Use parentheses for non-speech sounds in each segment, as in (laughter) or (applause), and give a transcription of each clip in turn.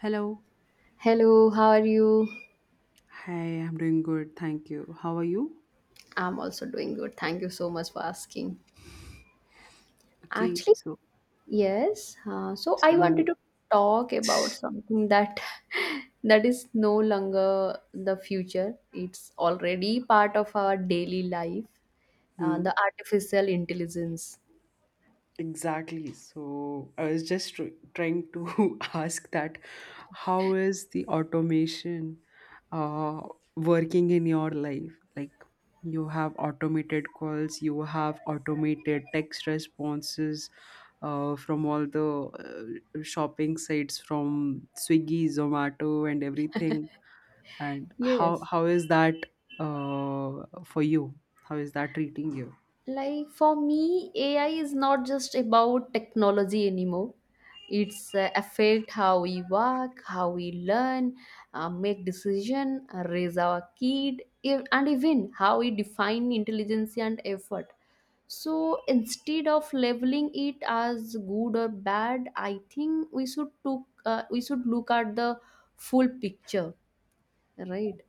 Hello. Hello, how are you? Hi, I'm doing good. Thank you. How are you? I'm also doing good. Thank you so much for asking. Okay, Actually, so yes. So I wanted so to talk about something that (laughs) that is no longer the future. It's already part of our daily life. Uh, hmm, the artificial intelligence. exactly. So I was just tr trying to (laughs) ask that how is the automation uh working in your life? Like, you have automated calls, you have automated text responses from all the shopping sites from Swiggy, Zomato and everything, and how Yes. how is that, uh, for you, how is that treating you? Like for me AI is not just about technology anymore. It's affect how we work, how we learn, make decision, raise our kid and even how we define intelligence and effort. So instead of labeling it as good or bad, I think we we should look at the full picture, right?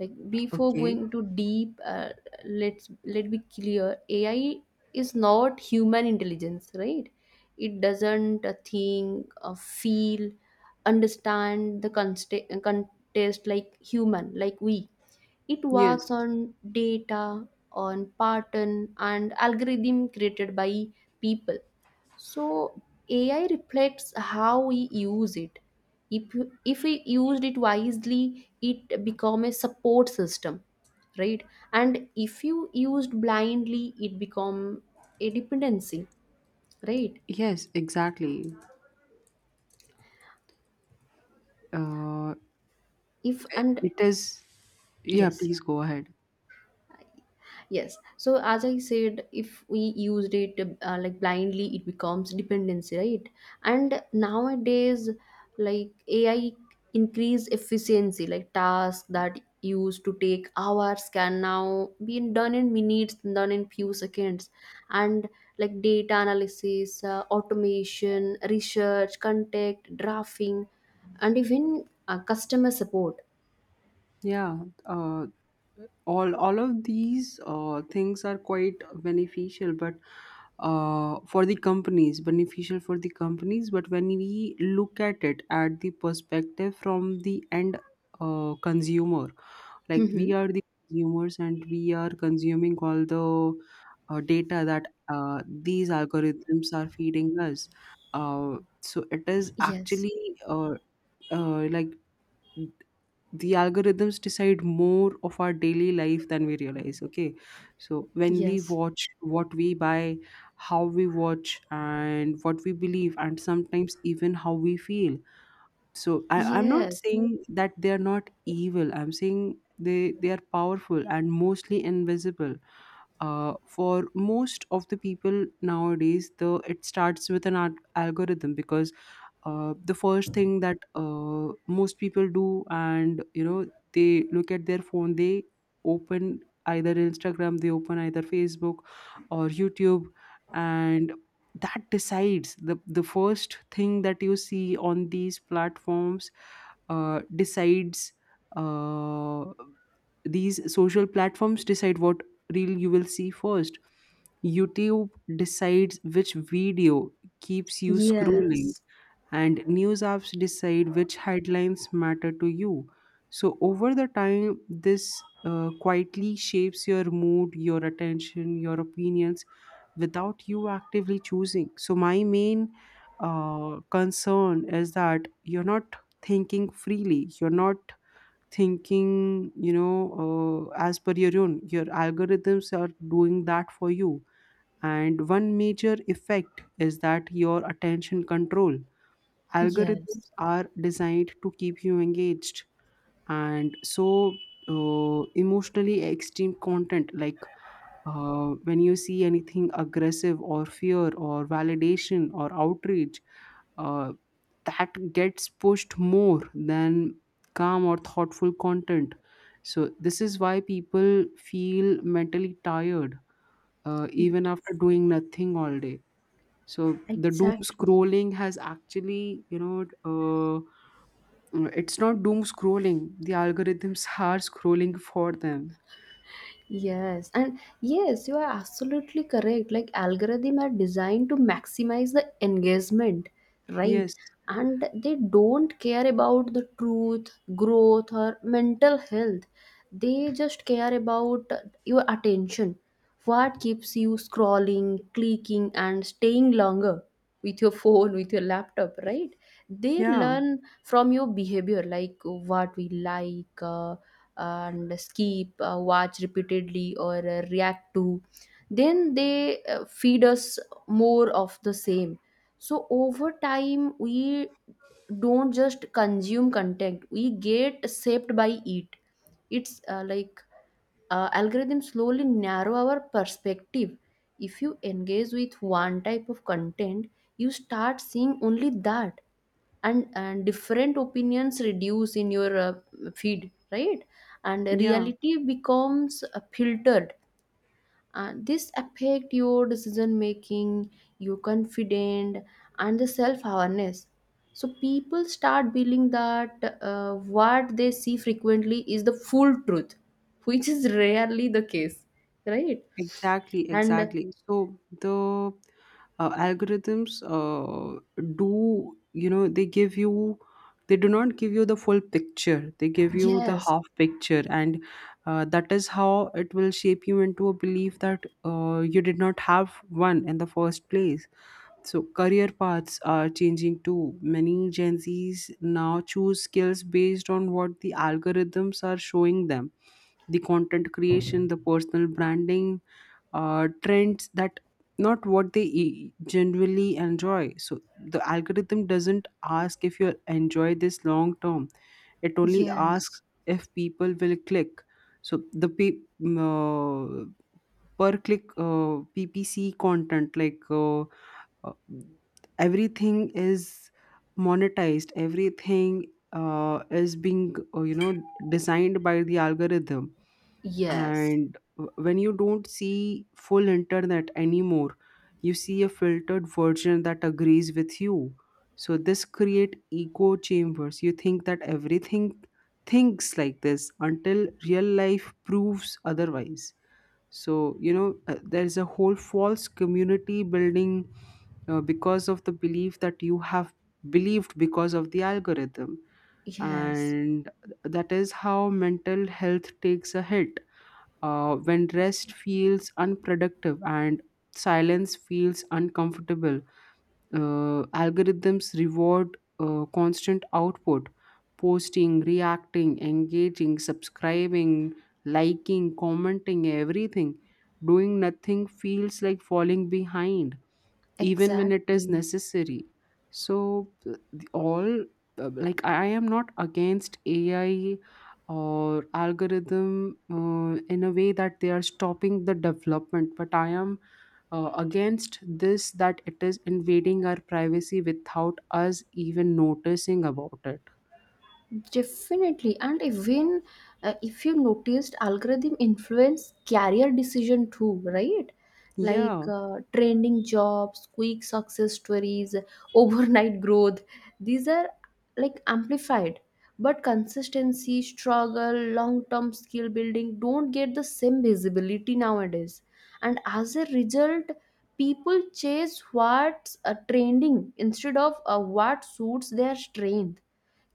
Like before Okay. going too deep, let's let be clear. AI is not human intelligence, right? It doesn't think, feel, understand the contest like human, like we. It works Yes. on data, on pattern and algorithm created by people. So AI reflects how we use it. If we used it wisely, it become a support system, right? And if you used blindly, it become a dependency, right? Yes, exactly. Uh, If and it is. Yeah, yes. please go ahead. Yes. So as I said, if we used it like blindly, it becomes dependency, right? And nowadays, like AI increase efficiency, like tasks that used to take hours can now be done in minutes, done in few seconds, and like data analysis, automation, research, contact, drafting, and even customer support. Yeah. Uh, all of these things are quite beneficial, but for the companies, beneficial for the companies. But when we look at it at the perspective from the end consumer, like, we Hmm. are the consumers and we are consuming all the data that these algorithms are feeding us. So it is Yes. actually, like, the algorithms decide more of our daily life than we realize. Okay, so when we Yes. watch, what we buy, how we watch and what we believe, and sometimes even how we feel. So I'm not Yes. saying that they are not evil, I'm saying they are powerful and mostly invisible. For most of the people nowadays, the it starts with an algorithm because the first thing that most people do, and you know they look at their phone. They open either Instagram, they open either Facebook, or YouTube. And that decides the first thing that you see on these platforms. Decides uh, these social platforms decide what reel you will see first. YouTube decides which video keeps you scrolling, Yes, and news apps decide which headlines matter to you. So, over the time, this quietly shapes your mood, your attention, your opinions without you actively choosing. So, my main concern is that you're not thinking freely, you're not thinking, as per your own. Your algorithms are doing that for you. And one major effect is that your attention control. Algorithms yes, are designed to keep you engaged, and so, emotionally extreme content, like, when you see anything aggressive or fear or validation or outrage, uh, that gets pushed more than calm or thoughtful content. So this is why people feel mentally tired even d- after doing nothing all day. So the doom exactly. scrolling has actually. It's not doom scrolling. The algorithms are scrolling for them. Yes, and yes, you are absolutely correct. Like algorithm are designed to maximize the engagement, right? Yes. And they don't care about the truth, growth, or mental health. They just care about your attention. What keeps you scrolling, clicking, and staying longer with your phone, with your laptop, right? They Yeah. learn from your behavior, like what we like, and skip, watch repeatedly, or react to, then they feed us more of the same. So over time, we don't just consume content, we get shaped by it. It's like algorithms slowly narrow our perspective. If you engage with one type of content, you start seeing only that, and different opinions reduce in your feed, right? And Yeah. reality becomes filtered, and this affect your decision making, your confidence, and the self awareness. So people start believing that what they see frequently is the full truth (laughs) which is rarely the case, right? Exactly. And Exactly. So the algorithms do, they give you, they do not give you the full picture. They give you the yes. half picture. And that is how it will shape you into a belief that you did not have one in the first place. So career paths are changing too. Many Gen Zs now choose skills based on what the algorithms are showing them. The content creation, the personal branding, trends that not what they genuinely enjoy. So the algorithm doesn't ask if you enjoy this long term. It only Yes. asks if people will click. So the per click PPC content, like. Uh, Everything is monetized, everything is being, designed by the algorithm. Yes. And when you don't see full internet anymore, you see a filtered version that agrees with you. So this create echo chambers. You think that everything thinks like this until real life proves otherwise. So, there's a whole false community building because of the belief that you have believed because of the algorithm. Yes. And that is how mental health takes a hit when rest feels unproductive and silence feels uncomfortable. Algorithms reward constant output, posting, reacting, engaging, subscribing, liking, commenting, everything. Doing nothing feels like falling behind even when it is Exactly. necessary. So, the- all like, I am not against AI or algorithm in a way that they are stopping the development, but I am against this that it is invading our privacy without us even noticing about it. Definitely, and even if you noticed, algorithm influence career decision too, right? Like Yeah, trending jobs, quick success stories, (laughs) overnight growth. These are like amplified, but consistency, struggle, long-term skill building don't get the same visibility nowadays. And as a result, people chase what's trending instead of what suits their strength.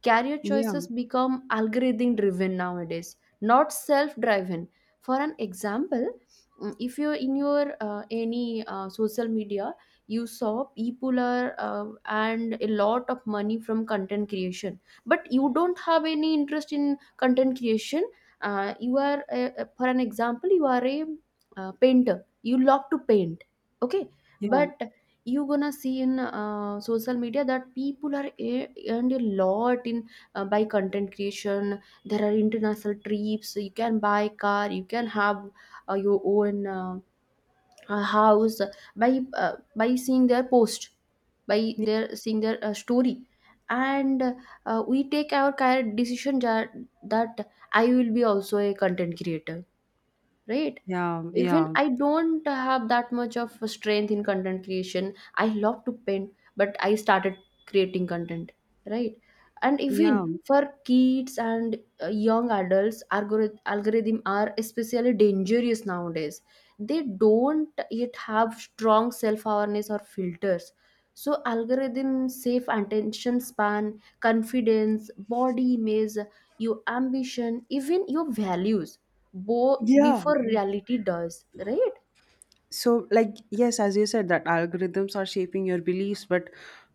Career yeah, choices become algorithm driven nowadays, not self driven. For an example, if you're in your any social media, you saw people are and a lot of money from content creation, but you don't have any interest in content creation. You are For an example, you are a painter, you love to paint, okay? yeah, But you gonna see in social media that people are earned a lot in by content creation. There are international trips, you can buy car, you can have your own house by seeing their post, by their seeing their story, and we take our kind of decision that, that I will be also a content creator, right? yeah, Even yeah, I don't have that much of a strength in content creation, I love to paint, but I started creating content, right? And yeah. even for kids and young adults, algorithm are especially dangerous nowadays. They don't yet have strong self awareness or filters. So algorithm safe attention span, confidence, body image, your ambition, even your values, both Yeah, before reality does, right? so, like, yes, as you said that algorithms are shaping your beliefs, but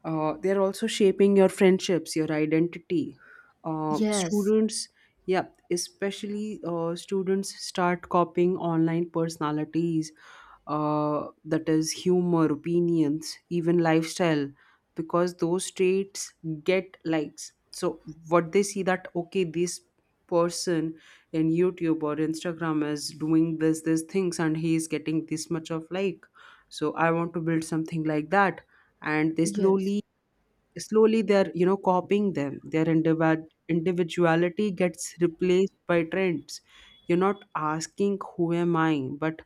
they're also shaping your friendships, your identity, Yes. students yeah, especially students start copying online personalities, that is, humor, opinions, even lifestyle, because those traits get likes. So what they see, that, okay, this person in YouTube or Instagram is doing this things and he is getting this much of like, so I want to build something like that. And they Yes. slowly they're, copying them, their individuality gets replaced by trends. You're not asking who am I, but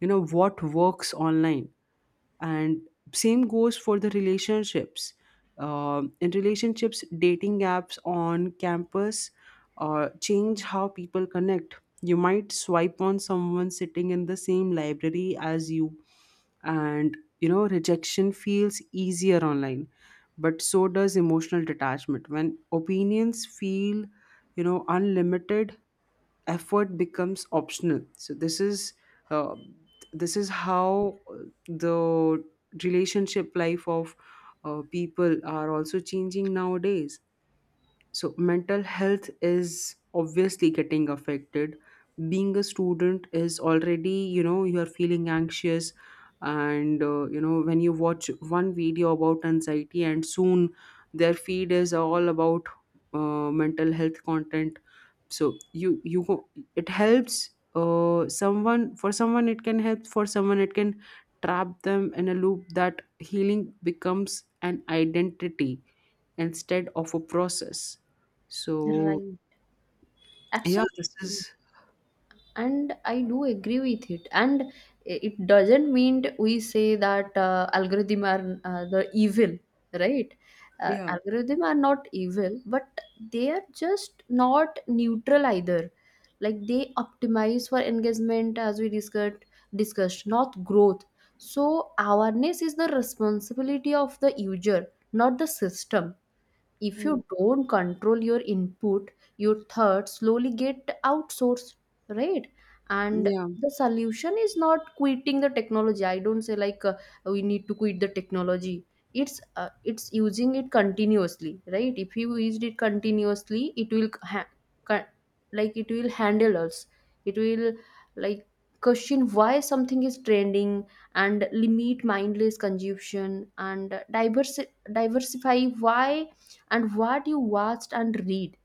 you know what works online. And same goes for the relationships. In relationships, dating apps on campus change how people connect. You might swipe on someone sitting in the same library as you, and, you know, rejection feels easier online, but so does emotional detachment. When opinions feel, unlimited, effort becomes optional. So this is, uh, how the relationship life of, people are also changing nowadays. So mental health is obviously getting affected. Being a student is already, you are feeling anxious. And when you watch one video about anxiety, and soon their feed is all about mental health content. So you go, it helps, someone, for someone it can help, for someone it can trap them in a loop that healing becomes an identity instead of a process. So, Right. yeah, this Absolutely. is, And I do agree with it, and it doesn't mean we say that algorithm are the evil, right? Yeah. Algorithm are not evil, but they are just not neutral either. Like they optimize for engagement, as we discussed, not growth. So awareness is the responsibility of the user, not the system. If Hmm. you don't control your input, your thoughts slowly get outsourced, right? And Yeah, the solution is not quitting the technology. I don't say like we need to quit the technology. It's using it continuously, right? If you used it continuously, it will ca- like it will handle us. It will like question why something is trending and limit mindless consumption and diversify why and what you watched and read,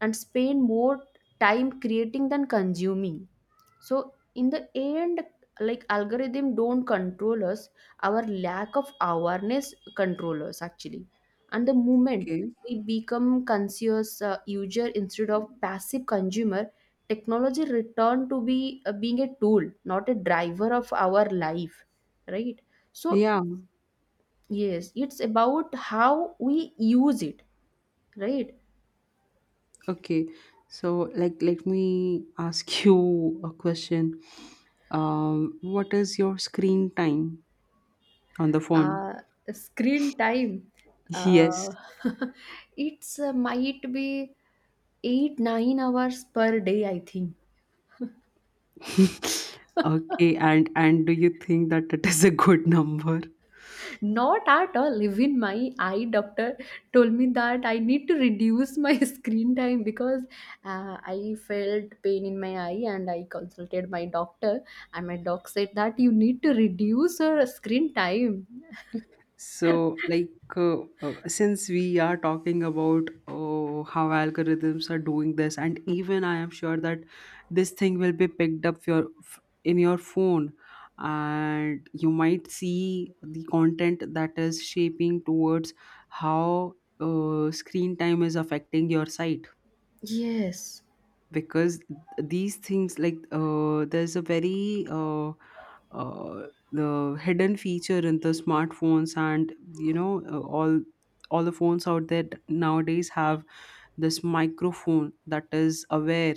and spend more time creating than consuming. So in the end, like algorithm don't control us, our lack of awareness control us actually. And the moment okay. we become conscious user instead of passive consumer, technology return to be being a tool, not a driver of our life, right? So Yeah, yes, it's about how we use it, right? okay. So, like, let me ask (laughs) you a question. What is your screen time on the phone? uh, Screen time. Yes. uh, (laughs) it's, might be 8 9 hours per day, I think. (laughs) Okay, and do you think that it is a good (laughs) number? Not at all. Even my eye doctor told me that I need to reduce my (laughs) screen time because I felt pain in my eye and I consulted my doctor, and my doc said that you need to reduce your screen time. So, like, since we are talking about, oh, how algorithms are doing this, and even I am sure that this thing will be picked up, in your phone, and you might see the content that is shaping towards how screen time is affecting your sight. Yes. Because these things, like, there's a very, uh, the hidden feature in the smartphones, and all the phones out there nowadays have this microphone that is aware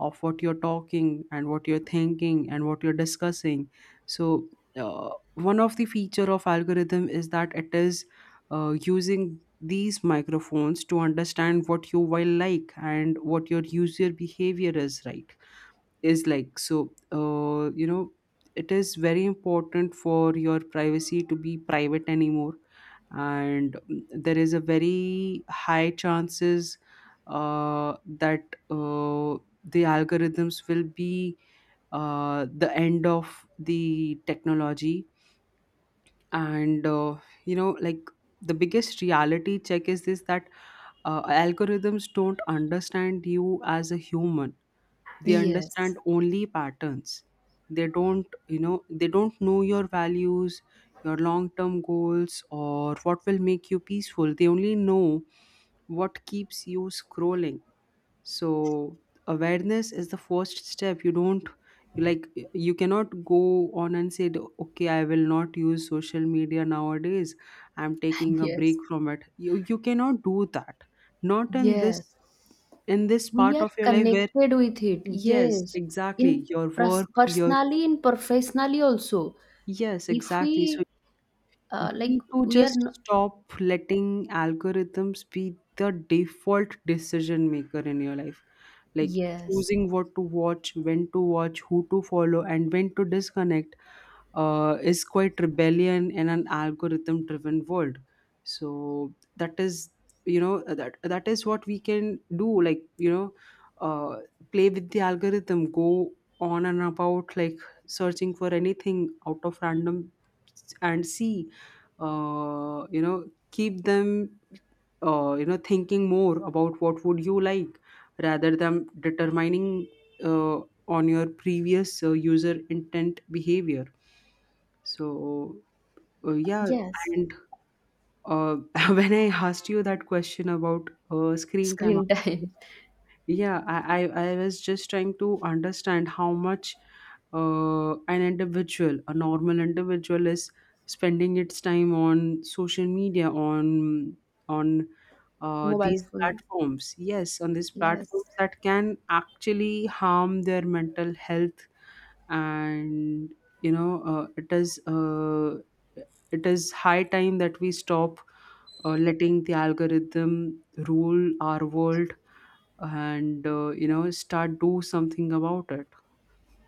of what you're talking and what you're thinking and what you're discussing. So one of the feature of algorithm is that it is using these microphones to understand what you will like and what your user behavior is, right? is like So, you know, it is very important for your privacy to be private anymore. And, there is a very high chances that uh, the algorithms will be the end of the technology. And you know, like, the biggest reality check is this, that algorithms don't understand you as a human. They Yes. understand only patterns. They don't, they don't know your values, your long term goals, or what will make you peaceful. They only know what keeps you scrolling. So awareness is the first step. You don't Like, you cannot go on and say, okay, I will not use social media nowadays, I'm (laughs) taking a break Yes. from it. You cannot do that, not in this, Yes. We part are of your life where. connected with it. Yes, Yes. exactly. In Your work, your, personally and professionally also. yes, If exactly. So we you like need to We are just stop letting algorithms be the default decision maker in your life. Like, yes. choosing what to watch, when to watch, who to follow, and when to disconnect is quite rebellion in an algorithm driven world. So that is, that is what we can do, like, uh, play with the algorithm, go on and about, like, searching for anything out of random, and see, you know, keep them, you know, thinking more about what would you like rather than determining uh, on your previous user intent behavior. So, yeah. Yes. And uh, (laughs) when I asked you that question about screen time, Screen time. yeah, I was just trying to understand how much an individual, a normal individual, is spending its time on social media, on on (laughs) Mobile these phone. platforms. Yes, on these Yes. platforms that can actually harm their mental health. And, you know, it is high time that we stop letting the algorithm rule our world, and you know, start do something about it.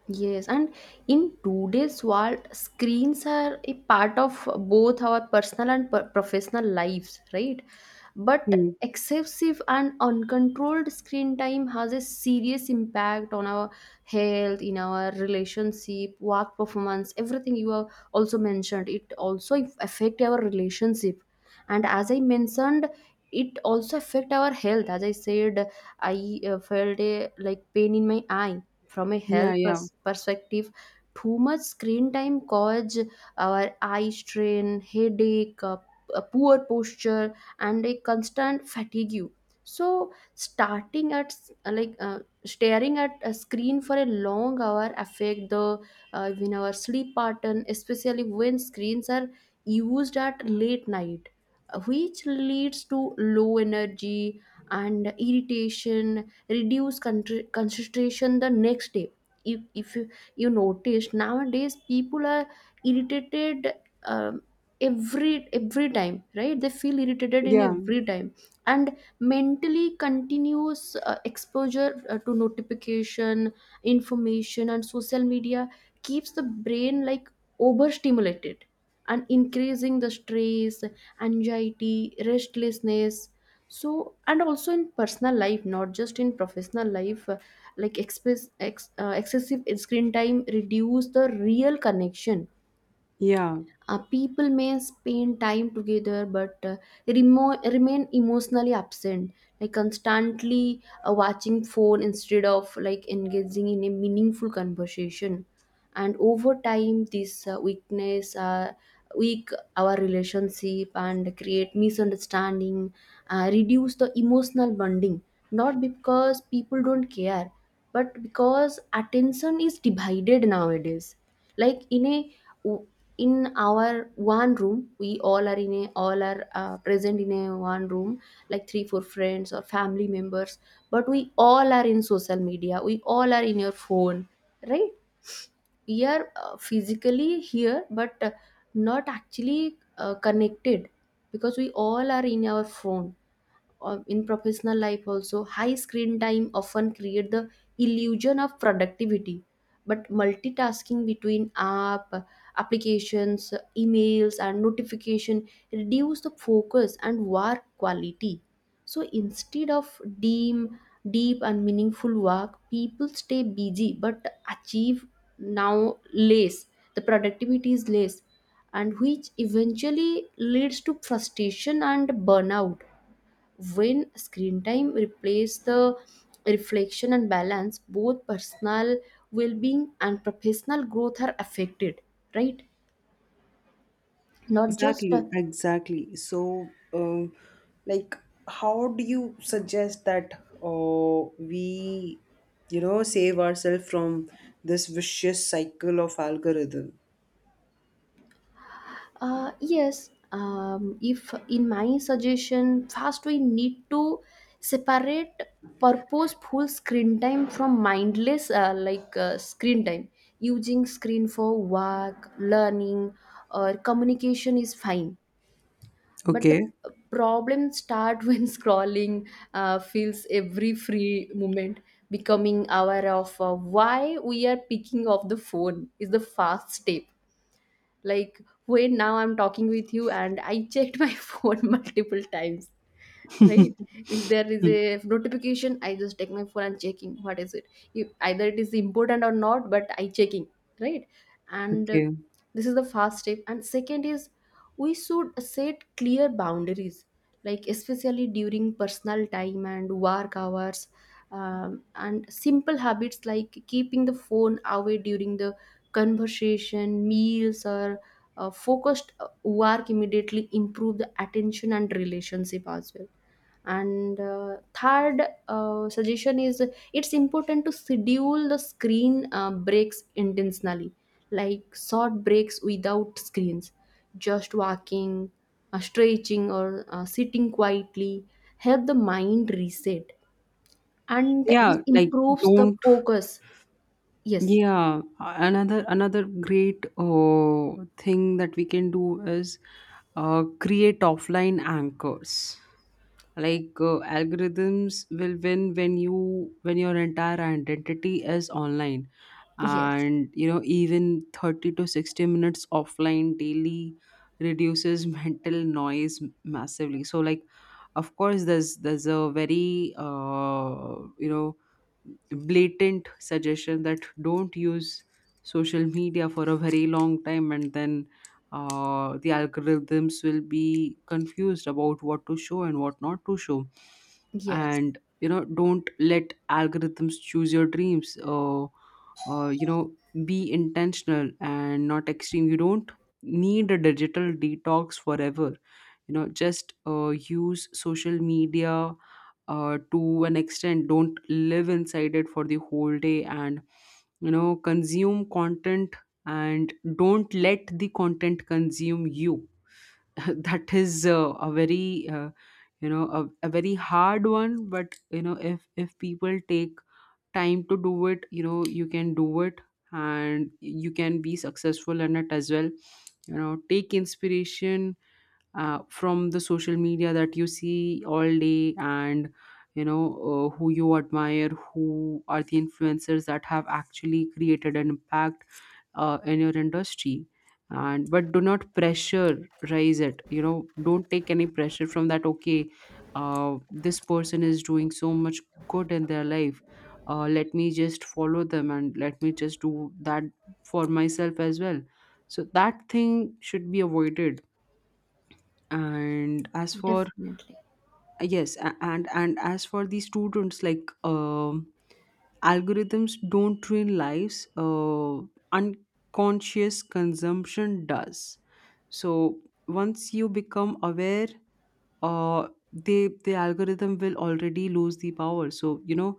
Yes, and in today's world, screens are a part of both our personal and professional lives, right? But Hmm. excessive and uncontrolled screen time has a serious impact on our health, in our relationship, work performance, everything you have also mentioned. It also affect our relationship, and as I mentioned, it also affect our health. As I said, I felt a like pain in my eye from a Yeah, health yeah, perspective. Too much screen time cause our eye strain headache, a poor posture and a constant fatigue. So starting at s- like staring at a screen for a long hour affect the, even our sleep pattern, especially when screens are used at late night, which leads to low energy and irritation, reduce concentration the next day. If you, You notice nowadays people are irritated, um, every time, right? They feel irritated in yeah. every time. And mentally continuous exposure to notification, information and social media keeps the brain like overstimulated and increasing the stress, anxiety, restlessness. So and also in personal life, not just in professional life, like excessive screen time reduce the real connection. Yeah. People may spend time together but remain emotionally absent. Like constantly watching phone instead of like engaging in a meaningful conversation. And over time this weak our relationship and create misunderstanding, reduce the emotional bonding, not because people don't care but because attention is divided nowadays. Like in a w- in our one room we all are in a, all are present in a one room, like three four friends or family members, but we all are in social media, we all are in your phone, right? We are physically here but not actually connected because we all are in our phone. In professional life also high screen time often create the illusion of productivity, but multitasking between applications, emails and notification reduce the focus and work quality. So instead of deep and meaningful work people stay busy but achieve now less, the productivity is less, and which eventually leads to frustration and burnout. When screen time replaces the reflection and balance, both personal well-being and professional growth are affected, right? Not just Exactly, exactly. So, like, how do you suggest that, we, save ourselves from this vicious cycle of algorithm? Yes. If in my suggestion first we need to separate purposeful screen time from mindless screen time. Using screen for work learning or communication is fine, but Okay. the problem start (laughs) when scrolling feels every free moment. Becoming aware of why we are picking up the phone is the fast step. Like wait, now I'm talking with you and I checked my (laughs) phone multiple times, right? If there is Hmm. a notification I just take my phone and checking what is it, if either it is important or not, but I checking, right? And Okay. this is the first step, and second is we should set clear boundaries, like especially during personal time and work hours. And simple habits like keeping the phone away during the conversation, meals or focused work immediately improve the attention and relationship as well. And third suggestion is, it's important to schedule the screen breaks intentionally, like short breaks without screens, just walking, stretching or sitting quietly help the mind reset, and Yeah, this like, improves the don't. focus. Yes. Yeah, another great thing that we can do is create offline anchors. Like, algorithms will win when you when your entire identity is online, Yes. and you know even 30 to 60 minutes offline daily reduces (laughs) mental noise massively. So like, of course, there's a very blatant suggestion that don't use social media for a very long time and then the algorithms will be confused about what to show and what not to show. Yes. And don't let algorithms choose your dreams. Uh, you know be intentional and not extreme. You don't need a digital detox forever. Just use social media to an extent. Don't live inside it for the whole day, and consume content, and don't let the content consume you. (laughs) That is a very you know a very hard one, but if people take time to do it, you can do it, and you can be successful in it as well. You know, take inspiration from the social media that you see all day, and you know who you admire, who are the influencers that have actually created an impact in your industry. And but do not pressurize it. You know, don't take any pressure from that. Okay, this person is doing so much good in their life, let me just follow them and let me just do that for myself as well. So that thing should be avoided. And as for, Definitely. yes, and as for the students, like, algorithms don't ruin lives, unconscious consumption does. So once you become aware, the algorithm will already lose the power. So you know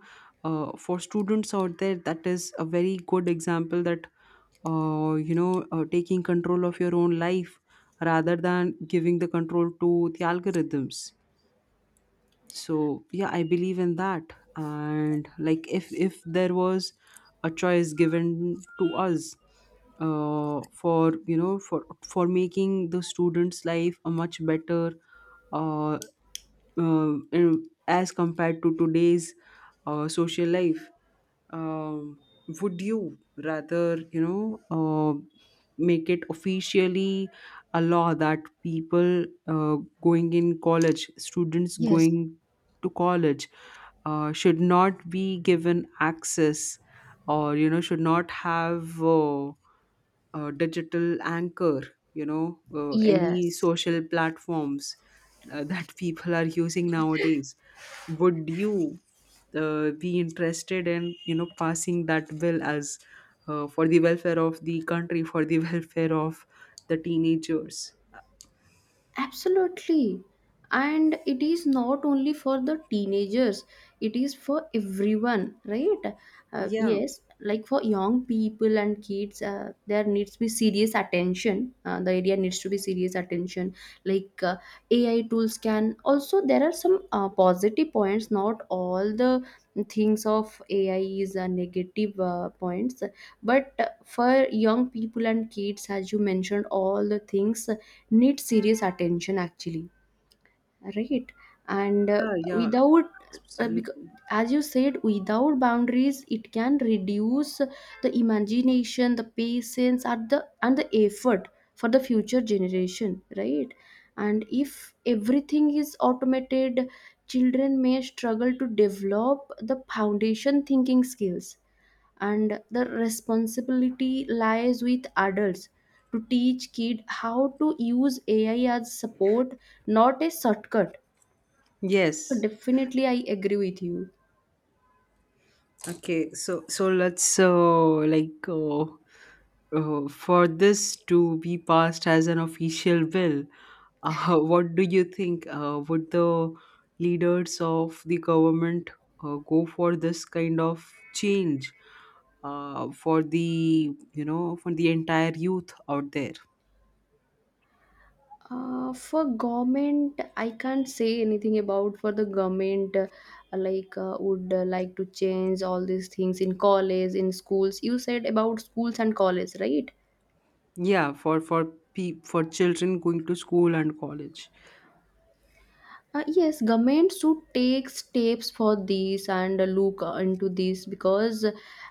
uh, for students out there, that is a very good example, that taking control of your own life rather than giving the control to the algorithms. So yeah, I believe in that. And like, if there was a choice given to us for for making the students' life a much better uh, as compared to today's social life, um, would you rather make it officially a law that people going in college students Yes. going to college should not be given access, or should not have digital anchor, any Yes. social platforms (laughs) that people are using nowadays? Would you be interested in passing that bill as for the welfare of the country, for the (laughs) welfare of the teenagers? Absolutely. And it is not only for the teenagers, it is for everyone, right? Yeah, Yes, like for young people and kids, there needs to be serious attention. The area needs to be serious attention. Like AI tools can also, there are some positive points, not all the things of AI is negative points. But for young people and kids, as you mentioned, all the things need serious attention actually, right? And yeah, yeah. without, because Absolutely. as you said without boundaries it can reduce the imagination, the patience and the effort for the future generation, right? And if everything is automated, children may struggle to develop the foundation thinking skills, and the responsibility lies with adults to teach kid how to use AI as support, not a shortcut. So Yes. definitely I agree with you. Okay, so so let's like uh, for this to be passed as an official bill, (laughs) what do you think? Would the leaders of the government go for this kind of change for the for the entire youth out there? For government I can't say anything about, for the government would like to change all these things in college, in schools. You said about schools and college, right? Yeah, for for children going to school and college. Yes, government should take steps for this and look into this because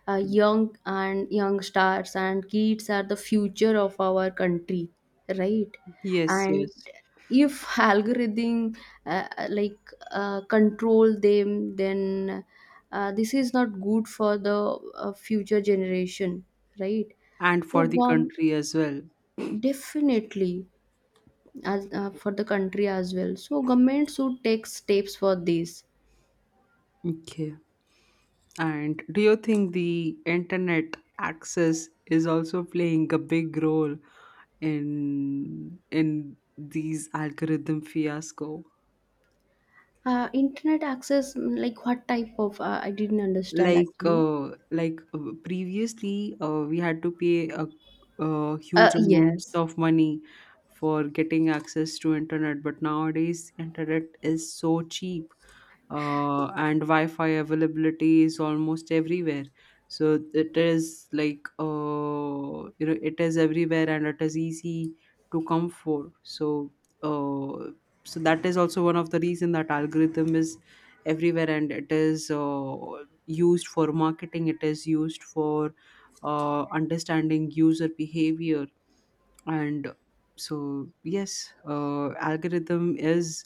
young and young stars and kids are the future of our country, right? Yes, And yes, if (laughs) algorithm uh, like control them, then this is not good for the future generation, right? and So, for the country as well. definitely, as for the country as well. So, government should take steps for this. Okay. And do you think the internet access is also playing a big role in these algorithm fiasco? Internet access, like what type of? I didn't understand like actually. uh, like uh, previously we had to pay a, huge amounts Yes. of money for getting access to internet, but nowadays internet is so cheap, and wi-fi availability is almost everywhere. So it is like, it is everywhere, and it is easy to come for. So uh, so that is also one of the reason that algorithm is everywhere, and it is used for marketing, it is used for understanding user behavior. And so yes, algorithm is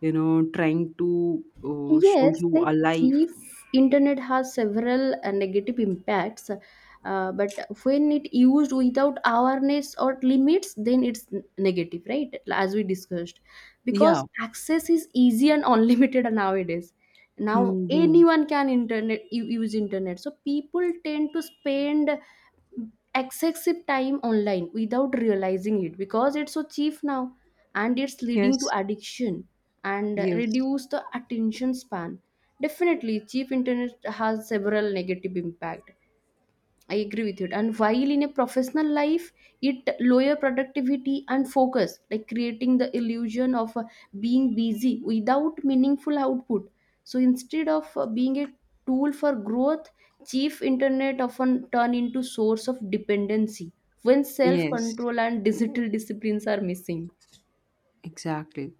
trying to show Yes, you like a life. cheap internet has several negative impacts, but when it used without awareness or limits, then it's negative, right? As we discussed, Yeah. because access is easy and (laughs) unlimited nowadays. Now Hmm. anyone can use internet, so people tend to spend excessive time online without realizing it because it's so cheap now, and it's leading to Yes, addiction and yes, reduce the attention span. Definitely cheap internet has several negative impact, I agree with you. And while in a professional life it lower productivity and focus, like creating the illusion of being busy without meaningful output. So instead of being a tool for growth, cheap internet often turn into source of dependency when self yes, control and digital disciplines are missing. exactly.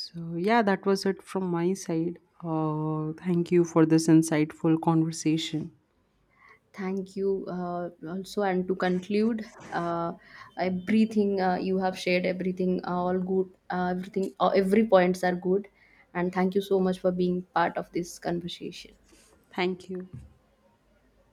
So yeah, that was it from my side. Thank you for this insightful conversation. Thank you. Also, and to conclude, uh, everything you have shared, everything all good, everything, every points are good, and thank you so much for being part of this conversation. Thank you.